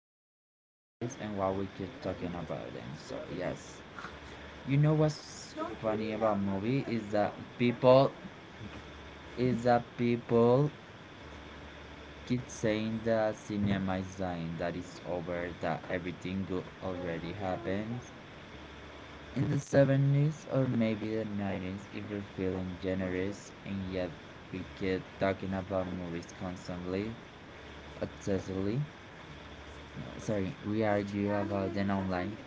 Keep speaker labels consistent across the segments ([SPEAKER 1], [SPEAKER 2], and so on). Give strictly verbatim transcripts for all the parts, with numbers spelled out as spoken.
[SPEAKER 1] talk about movies and what we keep talking about them. So yes. You know what's funny about movie is that people is that people keep saying that cinema is dying, that it's over, that everything good already happens. In the seventies or maybe the nineties, if you are feeling generous, and yet we keep talking about movies constantly, obsessively. No, sorry, we argue about them online.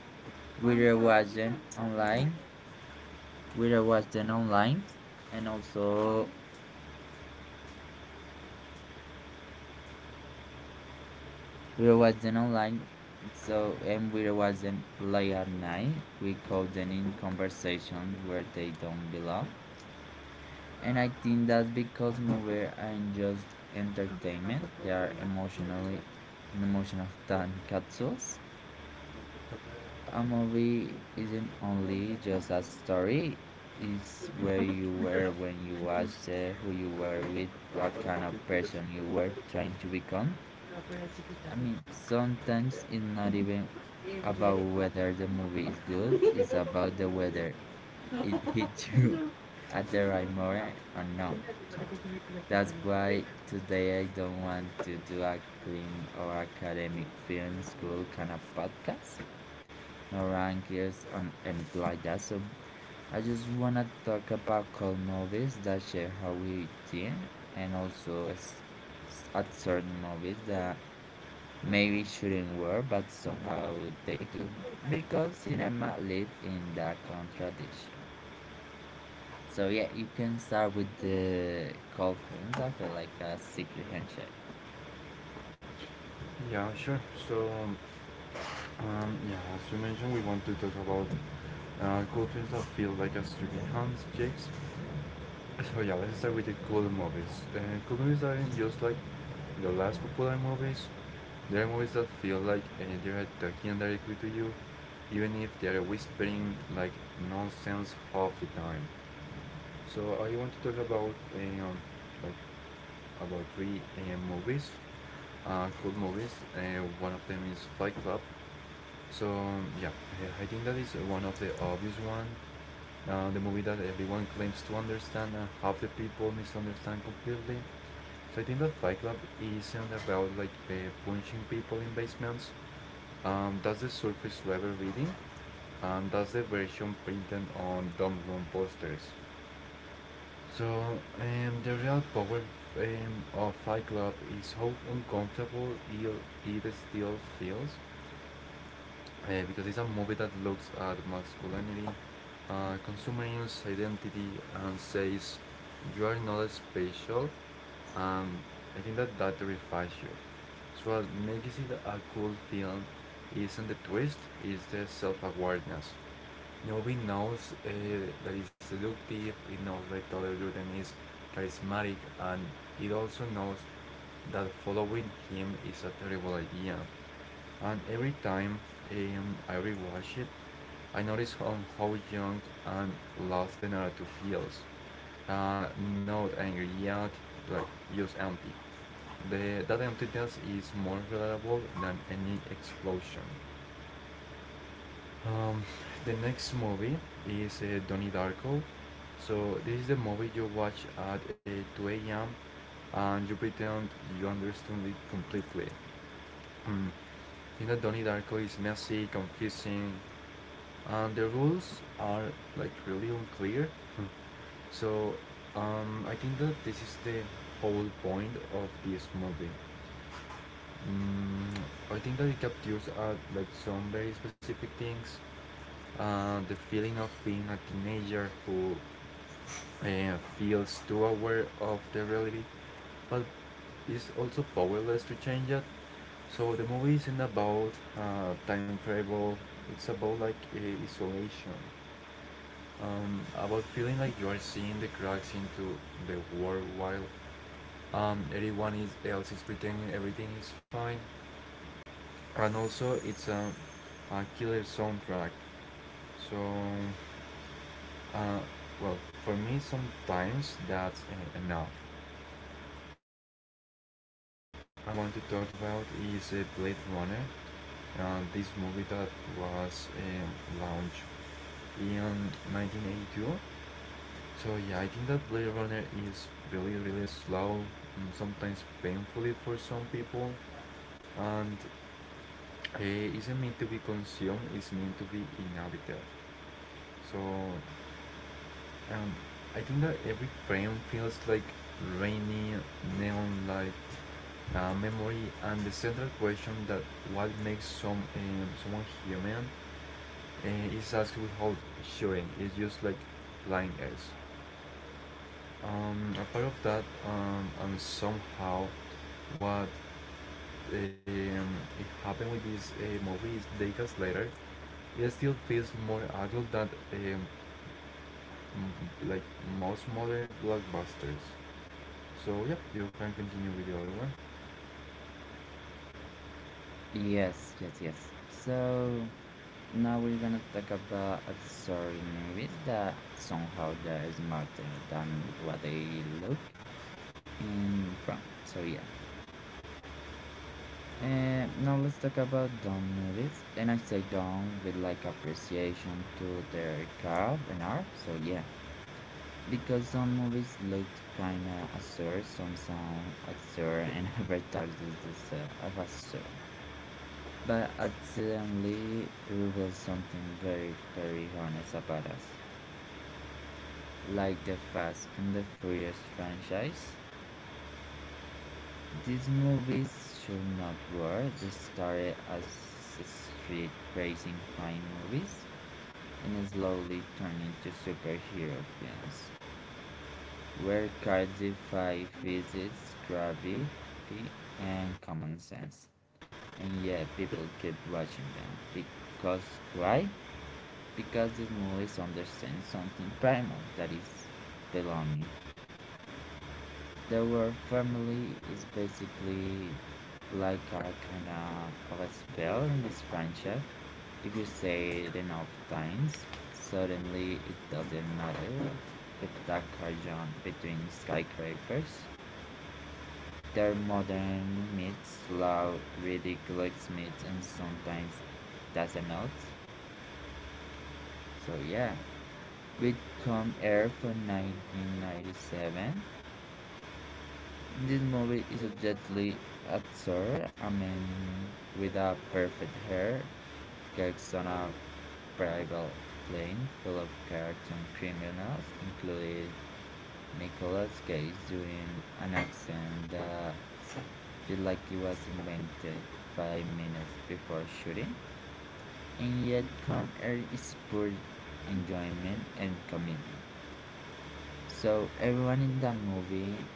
[SPEAKER 1] We rewatch them online. We rewatch them online, and also We rewatch them online. So and we rewatch them late at night. We call them in conversations where they don't belong. And I think that's because movies aren't just entertainment; they are emotionally, an emotional time capsules. A movie isn't only just a story, it's where you were when you watched it, who you were with, what kind of person you were trying to become. I mean, sometimes it's not even about whether the movie is good, it's about the weather. It hit you at the right moment or no. So that's why today I don't want to do a clean or academic film school kind of podcast. No rankings or anything like that. So I just wanna talk about cool movies that share how we think, and also s- s- at certain movies that maybe shouldn't work, but somehow they do because cinema live in that contradiction. So yeah, you can start with the cool films. I feel like a secret handshake.
[SPEAKER 2] Yeah, sure. So, um, yeah, as you mentioned, we want to talk about uh, cool things that feel like a street landscapes. So yeah, let's start with the cool movies. Uh, cool movies aren't just like the last popular movies. They are movies that feel like uh, they are talking directly to you, even if they are whispering like nonsense half the time. So I want to talk about um, like about three uh, movies, uh, cool movies. Uh, one of them is Fight Club. So um, yeah, I I think that is one of the obvious one. Uh, the movie that everyone claims to understand and uh, half the people misunderstand completely. So I think that Fight Club isn't about like uh, punching people in basements. Um, that's the surface level reading, and that's the version printed on dumb room posters. So um, the real power um, of Fight Club is how uncomfortable it, it still feels uh, because it's a movie that looks at masculinity, uh, consumerist identity, and says you are not special. Um, I think that that terrifies you. So what makes it a cool film isn't the twist, it's the self-awareness. Nobody knows uh, that it's seductive, it knows that Tyler Durden is charismatic, and it also knows that following him is a terrible idea. And every time um, I rewatch it, I notice how, how young and lost the narrative feels. Uh, not angry yet, like just empty. The, that emptiness is more relatable than any explosion. Um, the next movie is uh, Donnie Darko. So this is the movie you watch at uh, two a m and you pretend you understand it completely. Mm. You know, Donnie Darko is messy, confusing, and the rules are like really unclear. Hmm. So um, I think that this is the whole point of this movie. Mm, I think that it captures uh, like some very specific things. Uh, the feeling of being a teenager who uh, feels too aware of the reality, but is also powerless to change it. So the movie isn't about uh, time travel. It's about like uh, isolation, um, about feeling like you are seeing the cracks into the world while um, everyone is else is pretending everything is fine, and also it's a, a killer soundtrack. So uh, well, for me sometimes that's uh, enough. And the last uh, movie that I want to talk about is uh, Blade Runner, uh, this movie that was um, launched in nineteen eighty-two. So yeah, I think that Blade Runner is really, really slow and sometimes painfully for some people, and it isn't meant to be consumed, it's meant to be inhabited. So um, I think that every frame feels like rainy neon light, uh, memory, and the central question that what makes some um, someone human uh, is asked without showing. It's just like blind eyes, um, a part of that, um, and somehow what um, it happened with this uh, movie is decades later it still feels more adult than um, m- like most modern blockbusters. So yeah, you can continue with the other one.
[SPEAKER 1] Yes, yes, yes. So now we're gonna talk about uh, certain movies that somehow they're smarter than what they look in front. So yeah. Uh, now let's talk about dumb movies, and I say dumb with like appreciation to their craft and art. So yeah, because some movies look kinda absurd, some sound absurd, and advertise is the self of absurd, but accidentally reveals something very very honest about us. Like the Fast and the Furious franchise, these movies should not were. They started as street racing crime movies and slowly turned into superhero films, where cars defy physics, gravity, and common sense. And yet people keep watching them. Because why? Because these movies understand something primal that is belonging. The word family is basically like a kind of a spell in this franchise. If you say it enough times, suddenly it doesn't matter if the carrion between skyscrapers. Their modern myths, loud, ridiculous myths, and sometimes doesn't. So yeah, Bitcoin Air from nineteen ninety-seven. This movie is a obviously absurd. I mean, with a perfect hair, gets on a private plane full of cartoon criminals, including Nicolas Cage doing an accent that feels like it was invented five minutes before shooting, and yet Con Air is pure enjoyment and commitment. So everyone in that movie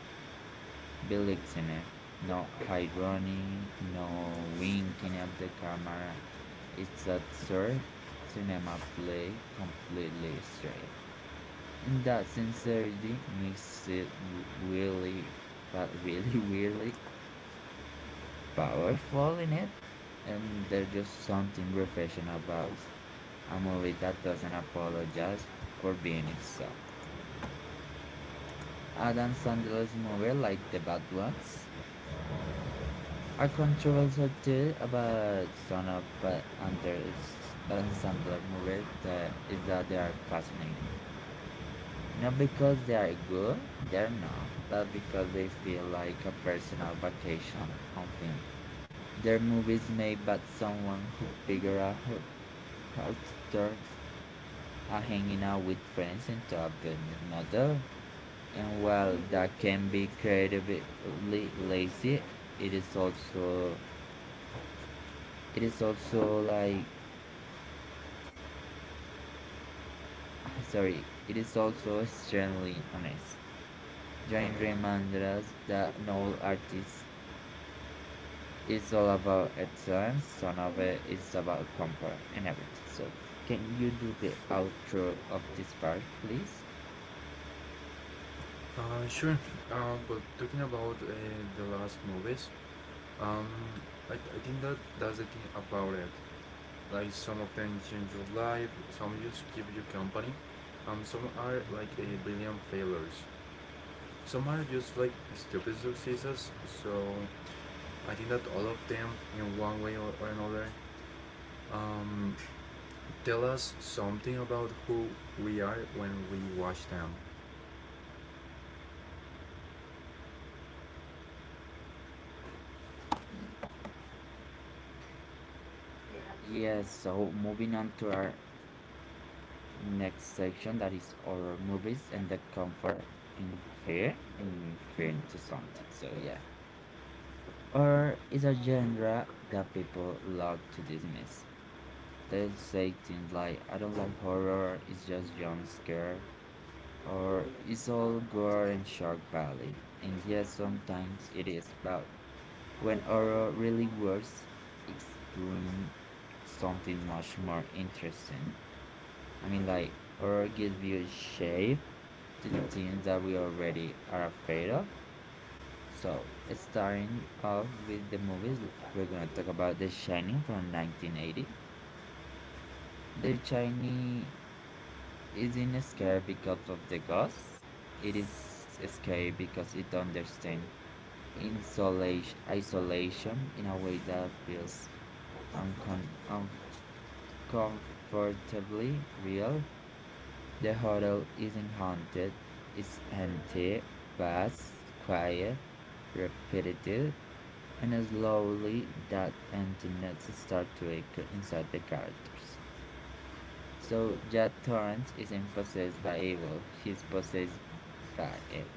[SPEAKER 1] Billingsene. No irony, no winking at the camera. It's that third cinema play completely straight. And that sincerity makes it really, but really, really powerful in it. And there's just something refreshing about a movie that doesn't apologize for being itself. Adam Sandler's movie like The Bad Ones, a controversial did about son of uh, under uh, Sandler movies that is that they are fascinating. Not because they are good, they're not, but because they feel like a personal vacation on film. They're movies made by someone who figured out how, how to turn a hanging out with friends into a business model. And while that can be creatively lazy, it is also it is also like Ah, Sorry, it is also extremely honest. Join reminded us that no artist is all about excellence, some of it is about comfort and everything. So, can you do the outro of this part, please?
[SPEAKER 2] Uh, sure. Uh, but talking about uh, the last movies, um, I, I think that that's the thing about it. Like some of them change your life, some just keep you company, um, some are like a billion failures. Some are just like stupid successes. So I think that all of them, in one way or, or another, um, tell us something about who we are when we watch them.
[SPEAKER 1] Yes, so moving on to our next section that is horror movies and the comfort in fear in fear into something. So yeah. Horror is a genre that people love to dismiss. They'll say things like, I don't like horror, it's just jump scare, or it's all gore and shock valley. And yes, sometimes it is, but when horror really works, it's doing something much more interesting. I mean, like, horror gives you shape to the things that we already are afraid of. So, starting off with the movies, we're gonna talk about The Shining from nineteen eighty. The Shining isn't scary because of the ghosts. It is scary because it understands insolation, isolation in a way that feels uncon- uncomfortably real. The hotel isn't haunted, it's empty, vast, quiet, repetitive, and slowly that emptiness starts to echo inside the characters. So Jack Torrance isn't possessed by evil, he's possessed by it.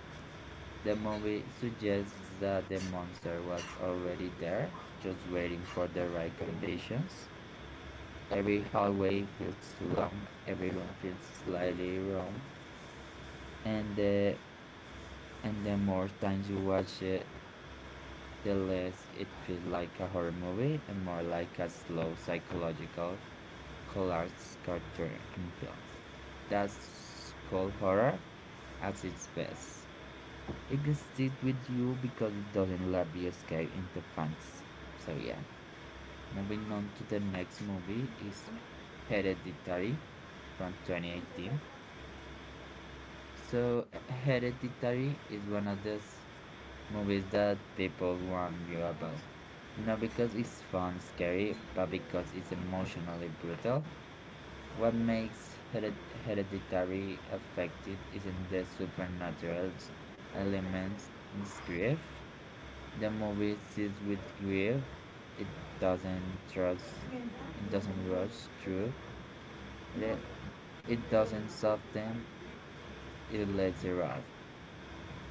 [SPEAKER 1] The movie suggests that the monster was already there, just waiting for the right conditions. Every hallway feels too long, every room feels slightly wrong, and the and the more times you watch it, the less it feels like a horror movie and more like a slow psychological collage cartoon film. That's called horror at its best. It sticks with you because it doesn't let you escape into fantasy. So yeah. Moving on to the next movie is Hereditary from twenty eighteen. So Hereditary is one of those movies that people warn you about. Not because it's fun, scary, but because it's emotionally brutal. What makes hered- Hereditary effective isn't the supernatural elements it's grief. The movie sits with grief. It doesn't trust. It doesn't rush through. It, It doesn't stop them, it lets you off.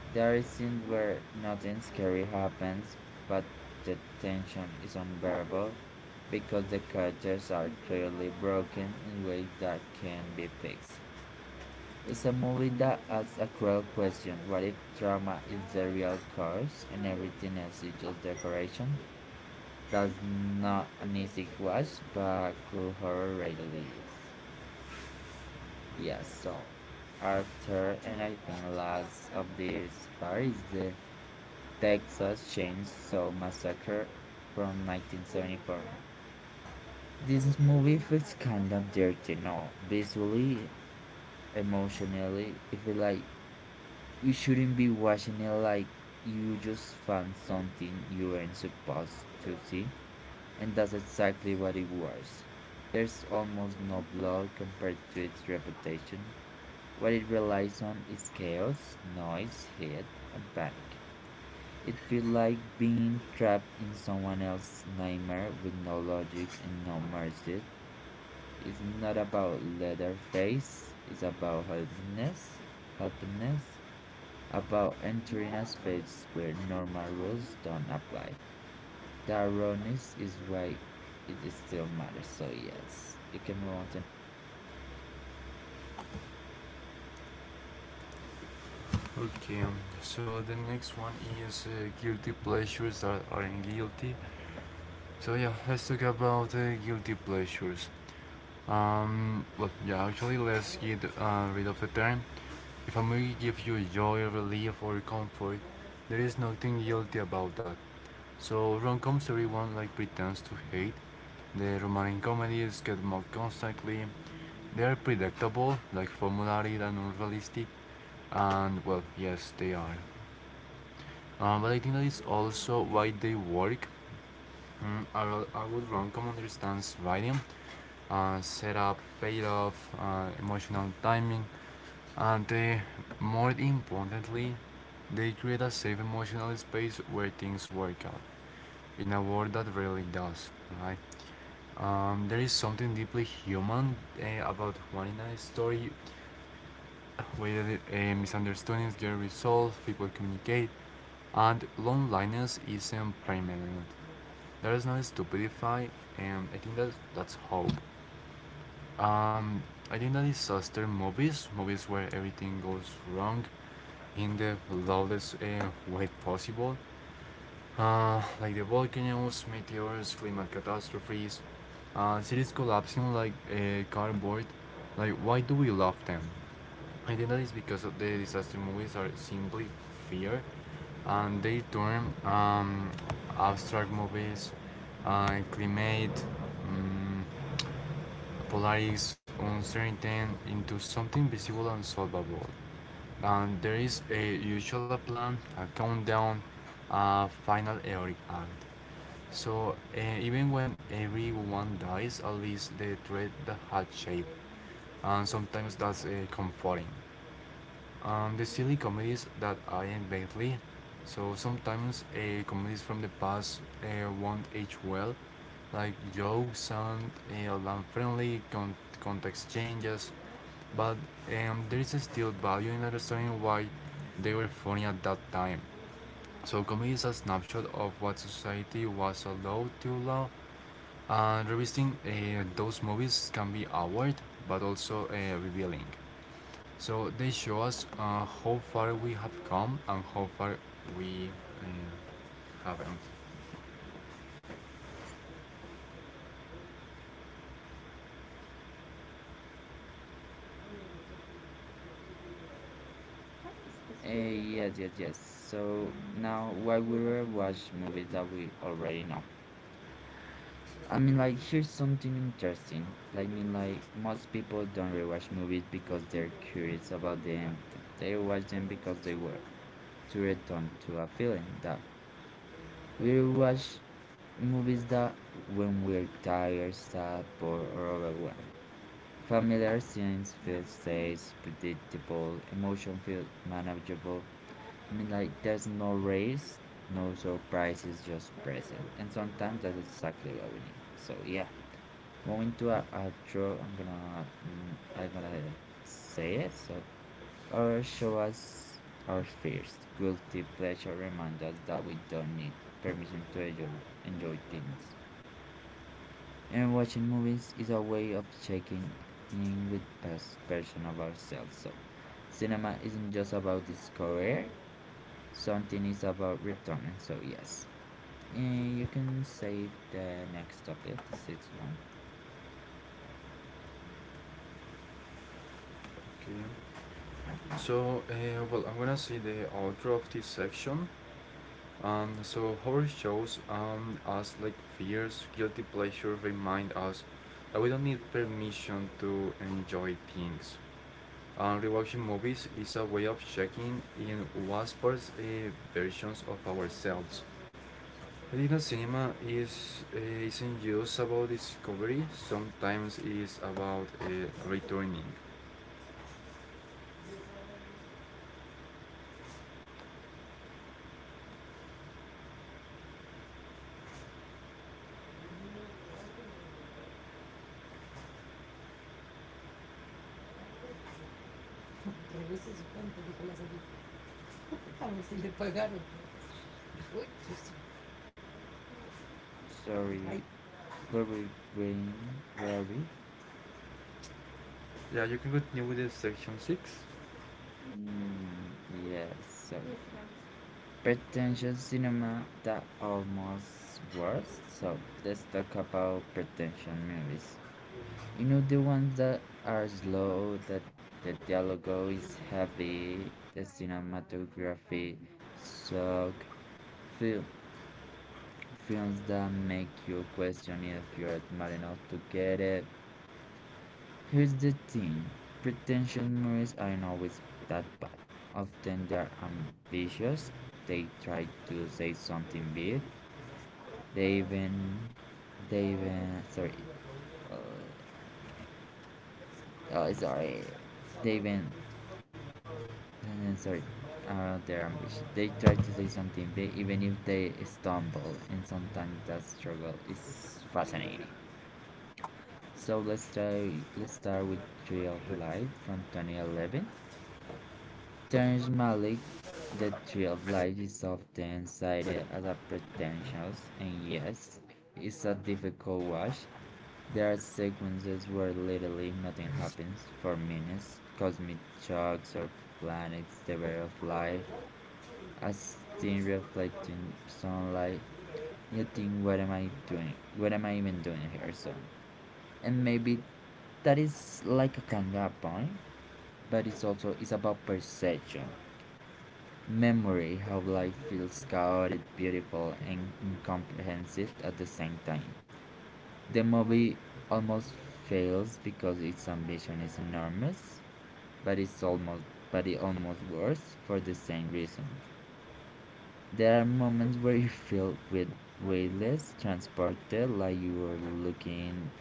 [SPEAKER 1] There is scenes where nothing scary happens, but the tension is unbearable because the characters are clearly broken in ways that can be fixed. It's a movie that asks a cruel question: what if trauma is the real cause and everything else is just decoration? That's not an easy watch, but cool horror really is. Yes, so after, and I think last of this part is the Texas Chainsaw Massacre from nineteen seventy-four. This movie feels kind of dirty now, visually, emotionally. It feels like you shouldn't be watching it like you just found something you weren't supposed to see, and that's exactly what it was. There's almost no blood compared to its reputation. What it relies on is chaos, noise, hate, and panic. It feels like being trapped in someone else's nightmare with no logic and no mercy. It's not about Leatherface, it's about helplessness, helplessness, about entering a space where normal rules don't apply. The ironies is why it still matters, so yes. You can move on to.
[SPEAKER 2] Okay, um, so the next one is uh, guilty pleasures that aren't guilty. So yeah, let's talk about uh, guilty pleasures. Um, well, yeah, actually, let's get uh, rid of the term. If a movie gives you joy, relief, or comfort, there is nothing guilty about that. So rom-coms everyone like pretends to hate. The romantic comedies get mocked constantly. They are predictable, like formulary and unrealistic, and well, yes, they are. Uh, but I think that is also why they work. Mm, I, I would Roncom understands writing, uh, setup, payoff, uh, emotional timing, and they, more importantly, they create a safe emotional space where things work out in a world that rarely does, right? Um, there is something deeply human eh, about wanting a story where uh, misunderstandings get resolved, people communicate, and loneliness isn't permanent. There is no stupidify, and I think that that's hope. Um, I think that disaster movies, movies where everything goes wrong in the loudest uh, way possible, uh, like the volcanoes, meteors, climate catastrophes, uh, cities collapsing like uh, cardboard. Like, why do we love them? I think that is because of the disaster movies are simply fear, and they turn um, abstract movies, uh, climate, um, polaris, uncertainty into something visible and solvable. And there is a usual a plan, a countdown, a final heroic act. So uh, even when everyone dies, at least the threat that had shape, and sometimes that's uh, comforting. Um, the silly comedies that I invent lately. So sometimes uh, comedies from the past uh, won't age well, like jokes sound uh, unfriendly, con- context changes, but um, there is still value in understanding why they were funny at that time. So comedy is a snapshot of what society was allowed to allow, and revisiting uh, those movies can be awkward but also uh, revealing. So they show us uh, how far we have come and how far we um, haven't.
[SPEAKER 1] Uh, yes, yes, yes. So now why would we will watch movies that we already know? I mean, like here's something interesting. Like, I mean, like most people don't rewatch movies because they're curious about the end. They rewatch them because they were to return to a feeling that we rewatch movies that when we're tired, sad, bored, or overwhelmed. Familiar scenes feel safe, predictable, emotion feel manageable. I mean, like, there's no race, no surprises, just present. And sometimes that's exactly what we need. So yeah, moving to a outro, I'm gonna, mm, I'm gonna say it. So, or show us our fears, guilty pleasure, remind us that we don't need permission to enjoy, enjoy things. And watching movies is a way of checking in with past version of ourselves. So, cinema isn't just about discovery; something is about returning. So yes, and you can say the next topic, the sixth one.
[SPEAKER 2] Okay. So, uh, well, I'm gonna see the outro of this section. Um, so horror shows um, us like fears, guilty pleasure remind us that we don't need permission to enjoy things. Um, rewatching movies is a way of checking in what parts uh, versions of ourselves. Filipino cinema is uh, isn't just about discovery. Sometimes it's about uh, returning. Si, sí.
[SPEAKER 1] Sorry, where we going? Where are we?
[SPEAKER 2] Yeah, you can continue with the section six.
[SPEAKER 1] Mm, yes. So pretentious cinema that almost worse. So let's talk about pretentious movies. You know the ones that are slow, that the dialogue is heavy, the cinematography suck, feel films that make you question if you're smart enough to get it. Here's the thing: pretentious movies aren't always that bad. Often they're ambitious, they try to say something big, they even. They even. Sorry. Uh, uh, sorry. They even. sorry. Uh, they're ambitious. They try to say something big even if they stumble, and sometimes that struggle is fascinating. So let's start let's start with Tree of Life from twenty eleven. Terrence Malick, The Tree of Life is often cited as a pretentious and yes, it's a difficult watch. There are sequences where literally nothing happens for minutes. Cosmic shocks or planets, the way of life, a scene reflecting sunlight. You think, what am I doing? What am I even doing here? So, and maybe that is like a kind of point but it's also it's about perception. Memory, how life feels chaotic, beautiful, and incomprehensive at the same time. The movie almost fails because its ambition is enormous, but it's almost but it almost works for the same reason. There are moments where you feel with weightless, transported, like you are looking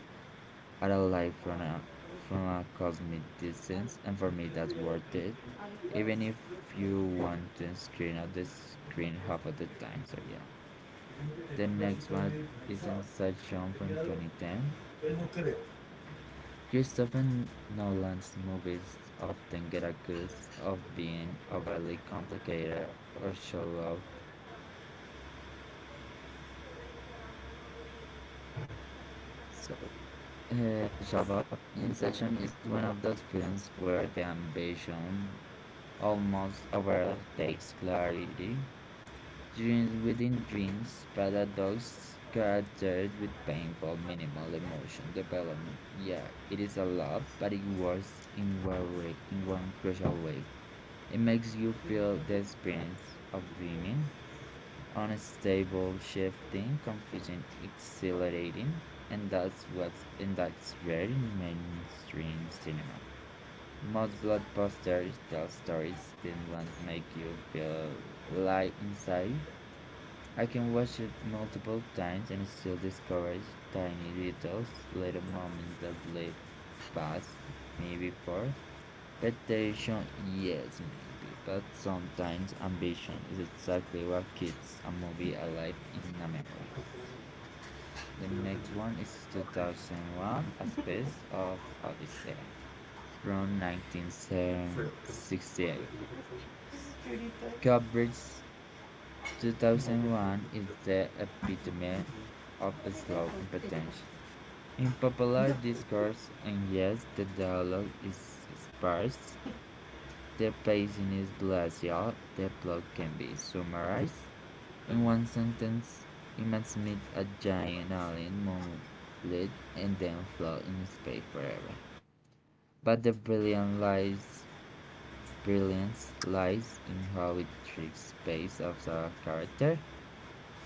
[SPEAKER 1] at a life from a from a cosmic distance, and for me that's worth it even if you want to screen at the screen half of the time. So yeah.
[SPEAKER 2] Tenía
[SPEAKER 1] The
[SPEAKER 2] un
[SPEAKER 1] next
[SPEAKER 2] vasito
[SPEAKER 1] one is
[SPEAKER 2] medicalizado.
[SPEAKER 1] Inside John from twenty ten.
[SPEAKER 2] Pues no.
[SPEAKER 1] Christopher Nolan's movies often get accused of being overly complicated or show off. So, uh, show off. Inception is one of those films where the ambition almost overtakes clarity. Dreams within dreams, paradox characters with painful minimal emotion development. Yeah, it is a love, but it works in one way, in one crucial way. It makes you feel the experience of dreaming, unstable, shifting, confusing, exhilarating, and that's what's and that's rare in mainstream cinema. Most blockbusters tell stories that want to make you feel alive inside. I can watch it multiple times and still discover tiny details, little moments that bled past me before. Pretension, yes, maybe, but sometimes ambition is exactly what keeps a movie alive in a memory. The next one is two thousand one A Space of Odyssey from
[SPEAKER 2] This
[SPEAKER 1] nineteen sixty-eight.
[SPEAKER 2] is Judita.
[SPEAKER 1] Kubrick's two thousand one is the epitome of slow and pretentious in popular discourse, and yes, the dialogue is sparse, the pacing is glacial, the plot can be summarized in one sentence. You must meet a giant alien monolith and then float in space forever. But the brilliant lies brilliance lies in how it tricks space of the character.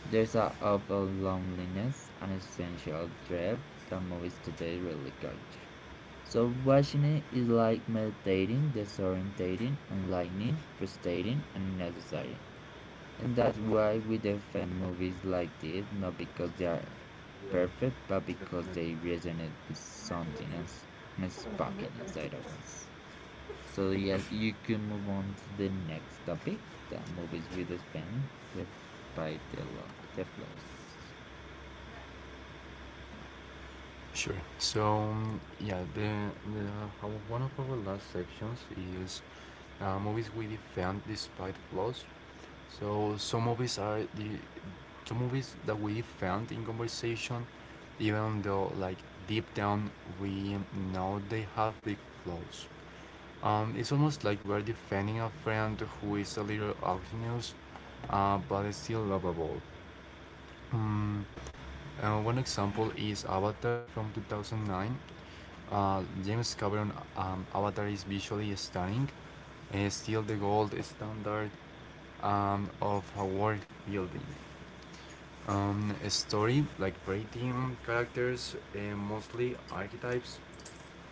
[SPEAKER 1] There's a awful loneliness, an essential dread that movies today really capture. Subwashing is like meditating, disorientating, enlightening, frustrating, and necessary. And that's why we defend movies like this, not because they are perfect, but because they resonate with something else and sparking inside of us. So yes, you can move on to the next topic, the movies we defend despite the, the flaws.
[SPEAKER 2] Sure. So um, yeah, the, the one of our last sections is uh, movies we defend despite flaws. So some movies are the some movies that we defend in conversation, even though like deep down we know they have big flaws. Um, it's almost like we're defending a friend who is a little obnoxious, uh, but is still lovable. Mm, uh, one example is Avatar from two thousand nine. Uh, James Cameron, um, Avatar is visually stunning, and still the gold standard um, of a world building. Um, a story like rating characters, uh, mostly archetypes.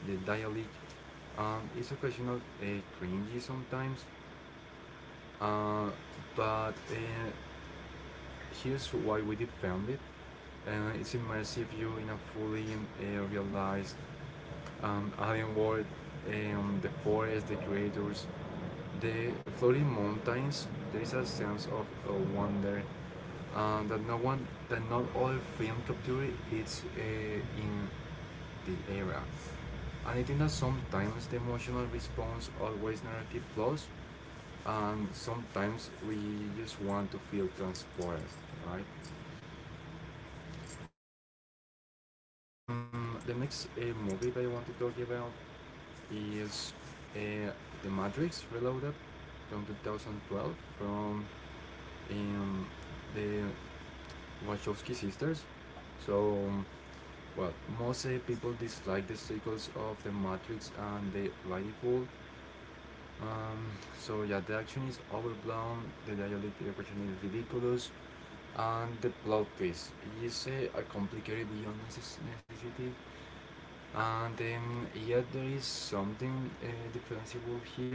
[SPEAKER 2] The dialogue um, is occasional, uh, cringy sometimes. Uh, but uh, here's why we defend it. Uh, it's immersive you in a fully uh, realized um, alien world, um, the forest, the creators, the floating mountains. There is a sense of uh, wonder uh, that no one, that not all film capture it's uh, in the era. And I think that sometimes the emotional response always narrative flaws, and sometimes we just want to feel transported, right? Mm, the next uh, movie that I want to talk about is uh, The Matrix Reloaded from two thousand twelve from um, the Wachowski sisters. So, um, well, most uh, people dislike the sequels of The Matrix and The Rightful. Um, so yeah, the action is overblown, the dialogue repression is ridiculous, and the plot twist is uh, a complicated beyond necessity, and um, yet there is something uh, defensible here,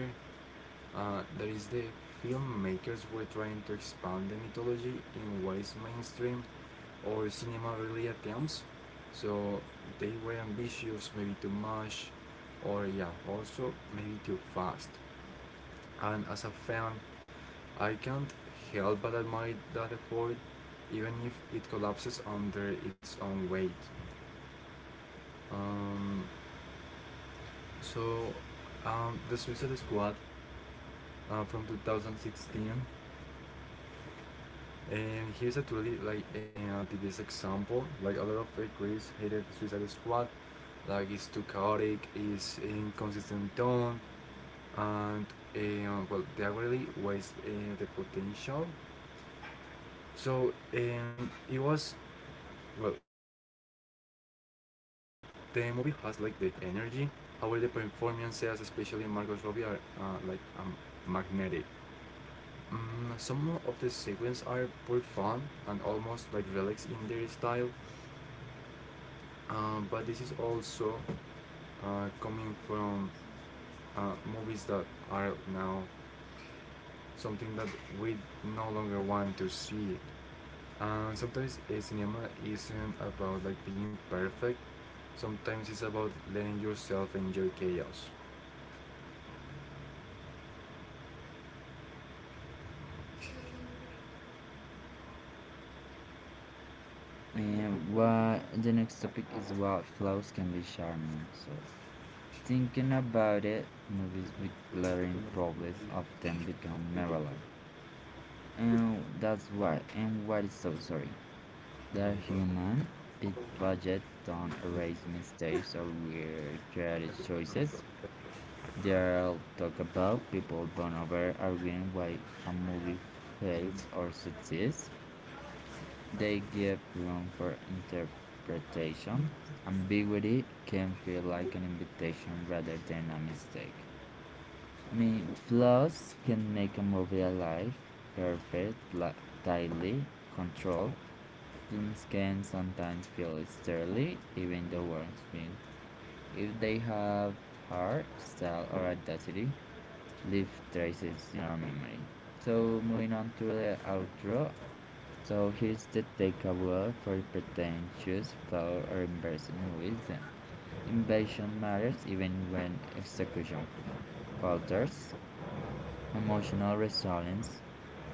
[SPEAKER 2] uh, that is the filmmakers were trying to expand the mythology in ways mainstream or cinema really attempts. So they were ambitious, maybe too much, or yeah, also maybe too fast. And as a fan, I can't help but admire that effort, even if it collapses under its own weight. Um, so, um, the Suicide Squad uh, from two thousand sixteen, and here's actually like uh, the best example. Like a lot of uh, critics hated Suicide Squad, like it's too chaotic, it's inconsistent tone, and uh, well, they really waste uh, the potential. So um, it was Well, the movie has like the energy. However, the performances, especially Margot Robbie, are uh, like um, magnetic. Mm, some of the sequences are pretty fun and almost like relics in their style. Uh, but this is also uh, coming from uh, movies that are now something that we no longer want to see. Uh, sometimes a cinema isn't about like being perfect. Sometimes it's about letting yourself enjoy chaos.
[SPEAKER 1] And what the next topic is about flaws can be charming. So thinking about it, movies with glaring problems often become mirror. And that's why, and what is so sorry. They're human, big budgets don't erase mistakes or weird creative choices. They'll talk about people born over arguing why a movie fails or succeeds. They give room for interpretation. Ambiguity can feel like an invitation rather than a mistake. I mean, flaws can make a movie alive, perfect, tightly controlled. Films can sometimes feel sterile, even the worst film, if they have heart, style, or audacity, leave traces in our memory. So, moving on to the outro. So, here's the takeaway for pretentious, flawed, or embarrassing movies. Invasion matters even when execution falters. Emotional resilience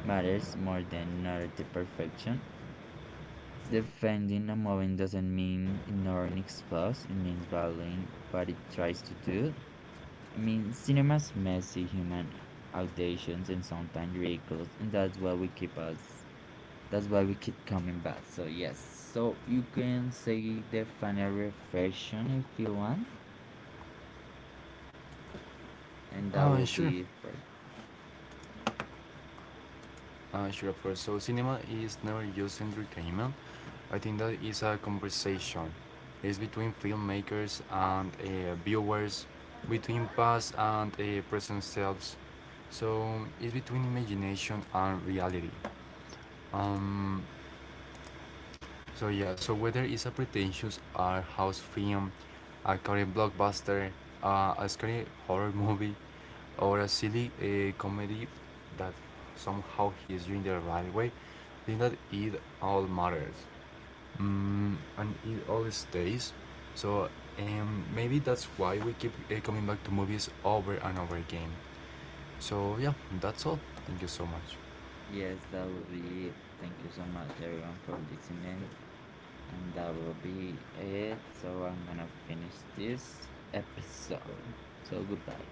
[SPEAKER 1] matters more than narrative perfection. Defending a movement doesn't mean ignoring its flaws, it means valuing what it tries to do. I mean, cinema's messy, human, audacious, and sometimes ridiculous, and that's why we keep us. That's why we keep coming back. So yes, so you can say the final reflection if you want, and that
[SPEAKER 2] Uh,
[SPEAKER 1] will
[SPEAKER 2] sure.
[SPEAKER 1] be it for.
[SPEAKER 2] Uh, sure, of course. So cinema is never just entertainment. I think that is a conversation. It's between filmmakers and uh, viewers, between past and uh, present selves. So it's between imagination and reality. Um, So yeah, so whether it's a pretentious art house film, a current blockbuster, uh, a scary horror movie, or a silly uh, comedy that somehow hits you in the right way, I think that it all matters, mm, and it all stays. So um, maybe that's why we keep uh, coming back to movies over and over again. So yeah, that's all. Thank you so much.
[SPEAKER 1] Yes, that will be it. Thank you so much, everyone, for listening. And that will be it. So I'm gonna finish this episode. So goodbye.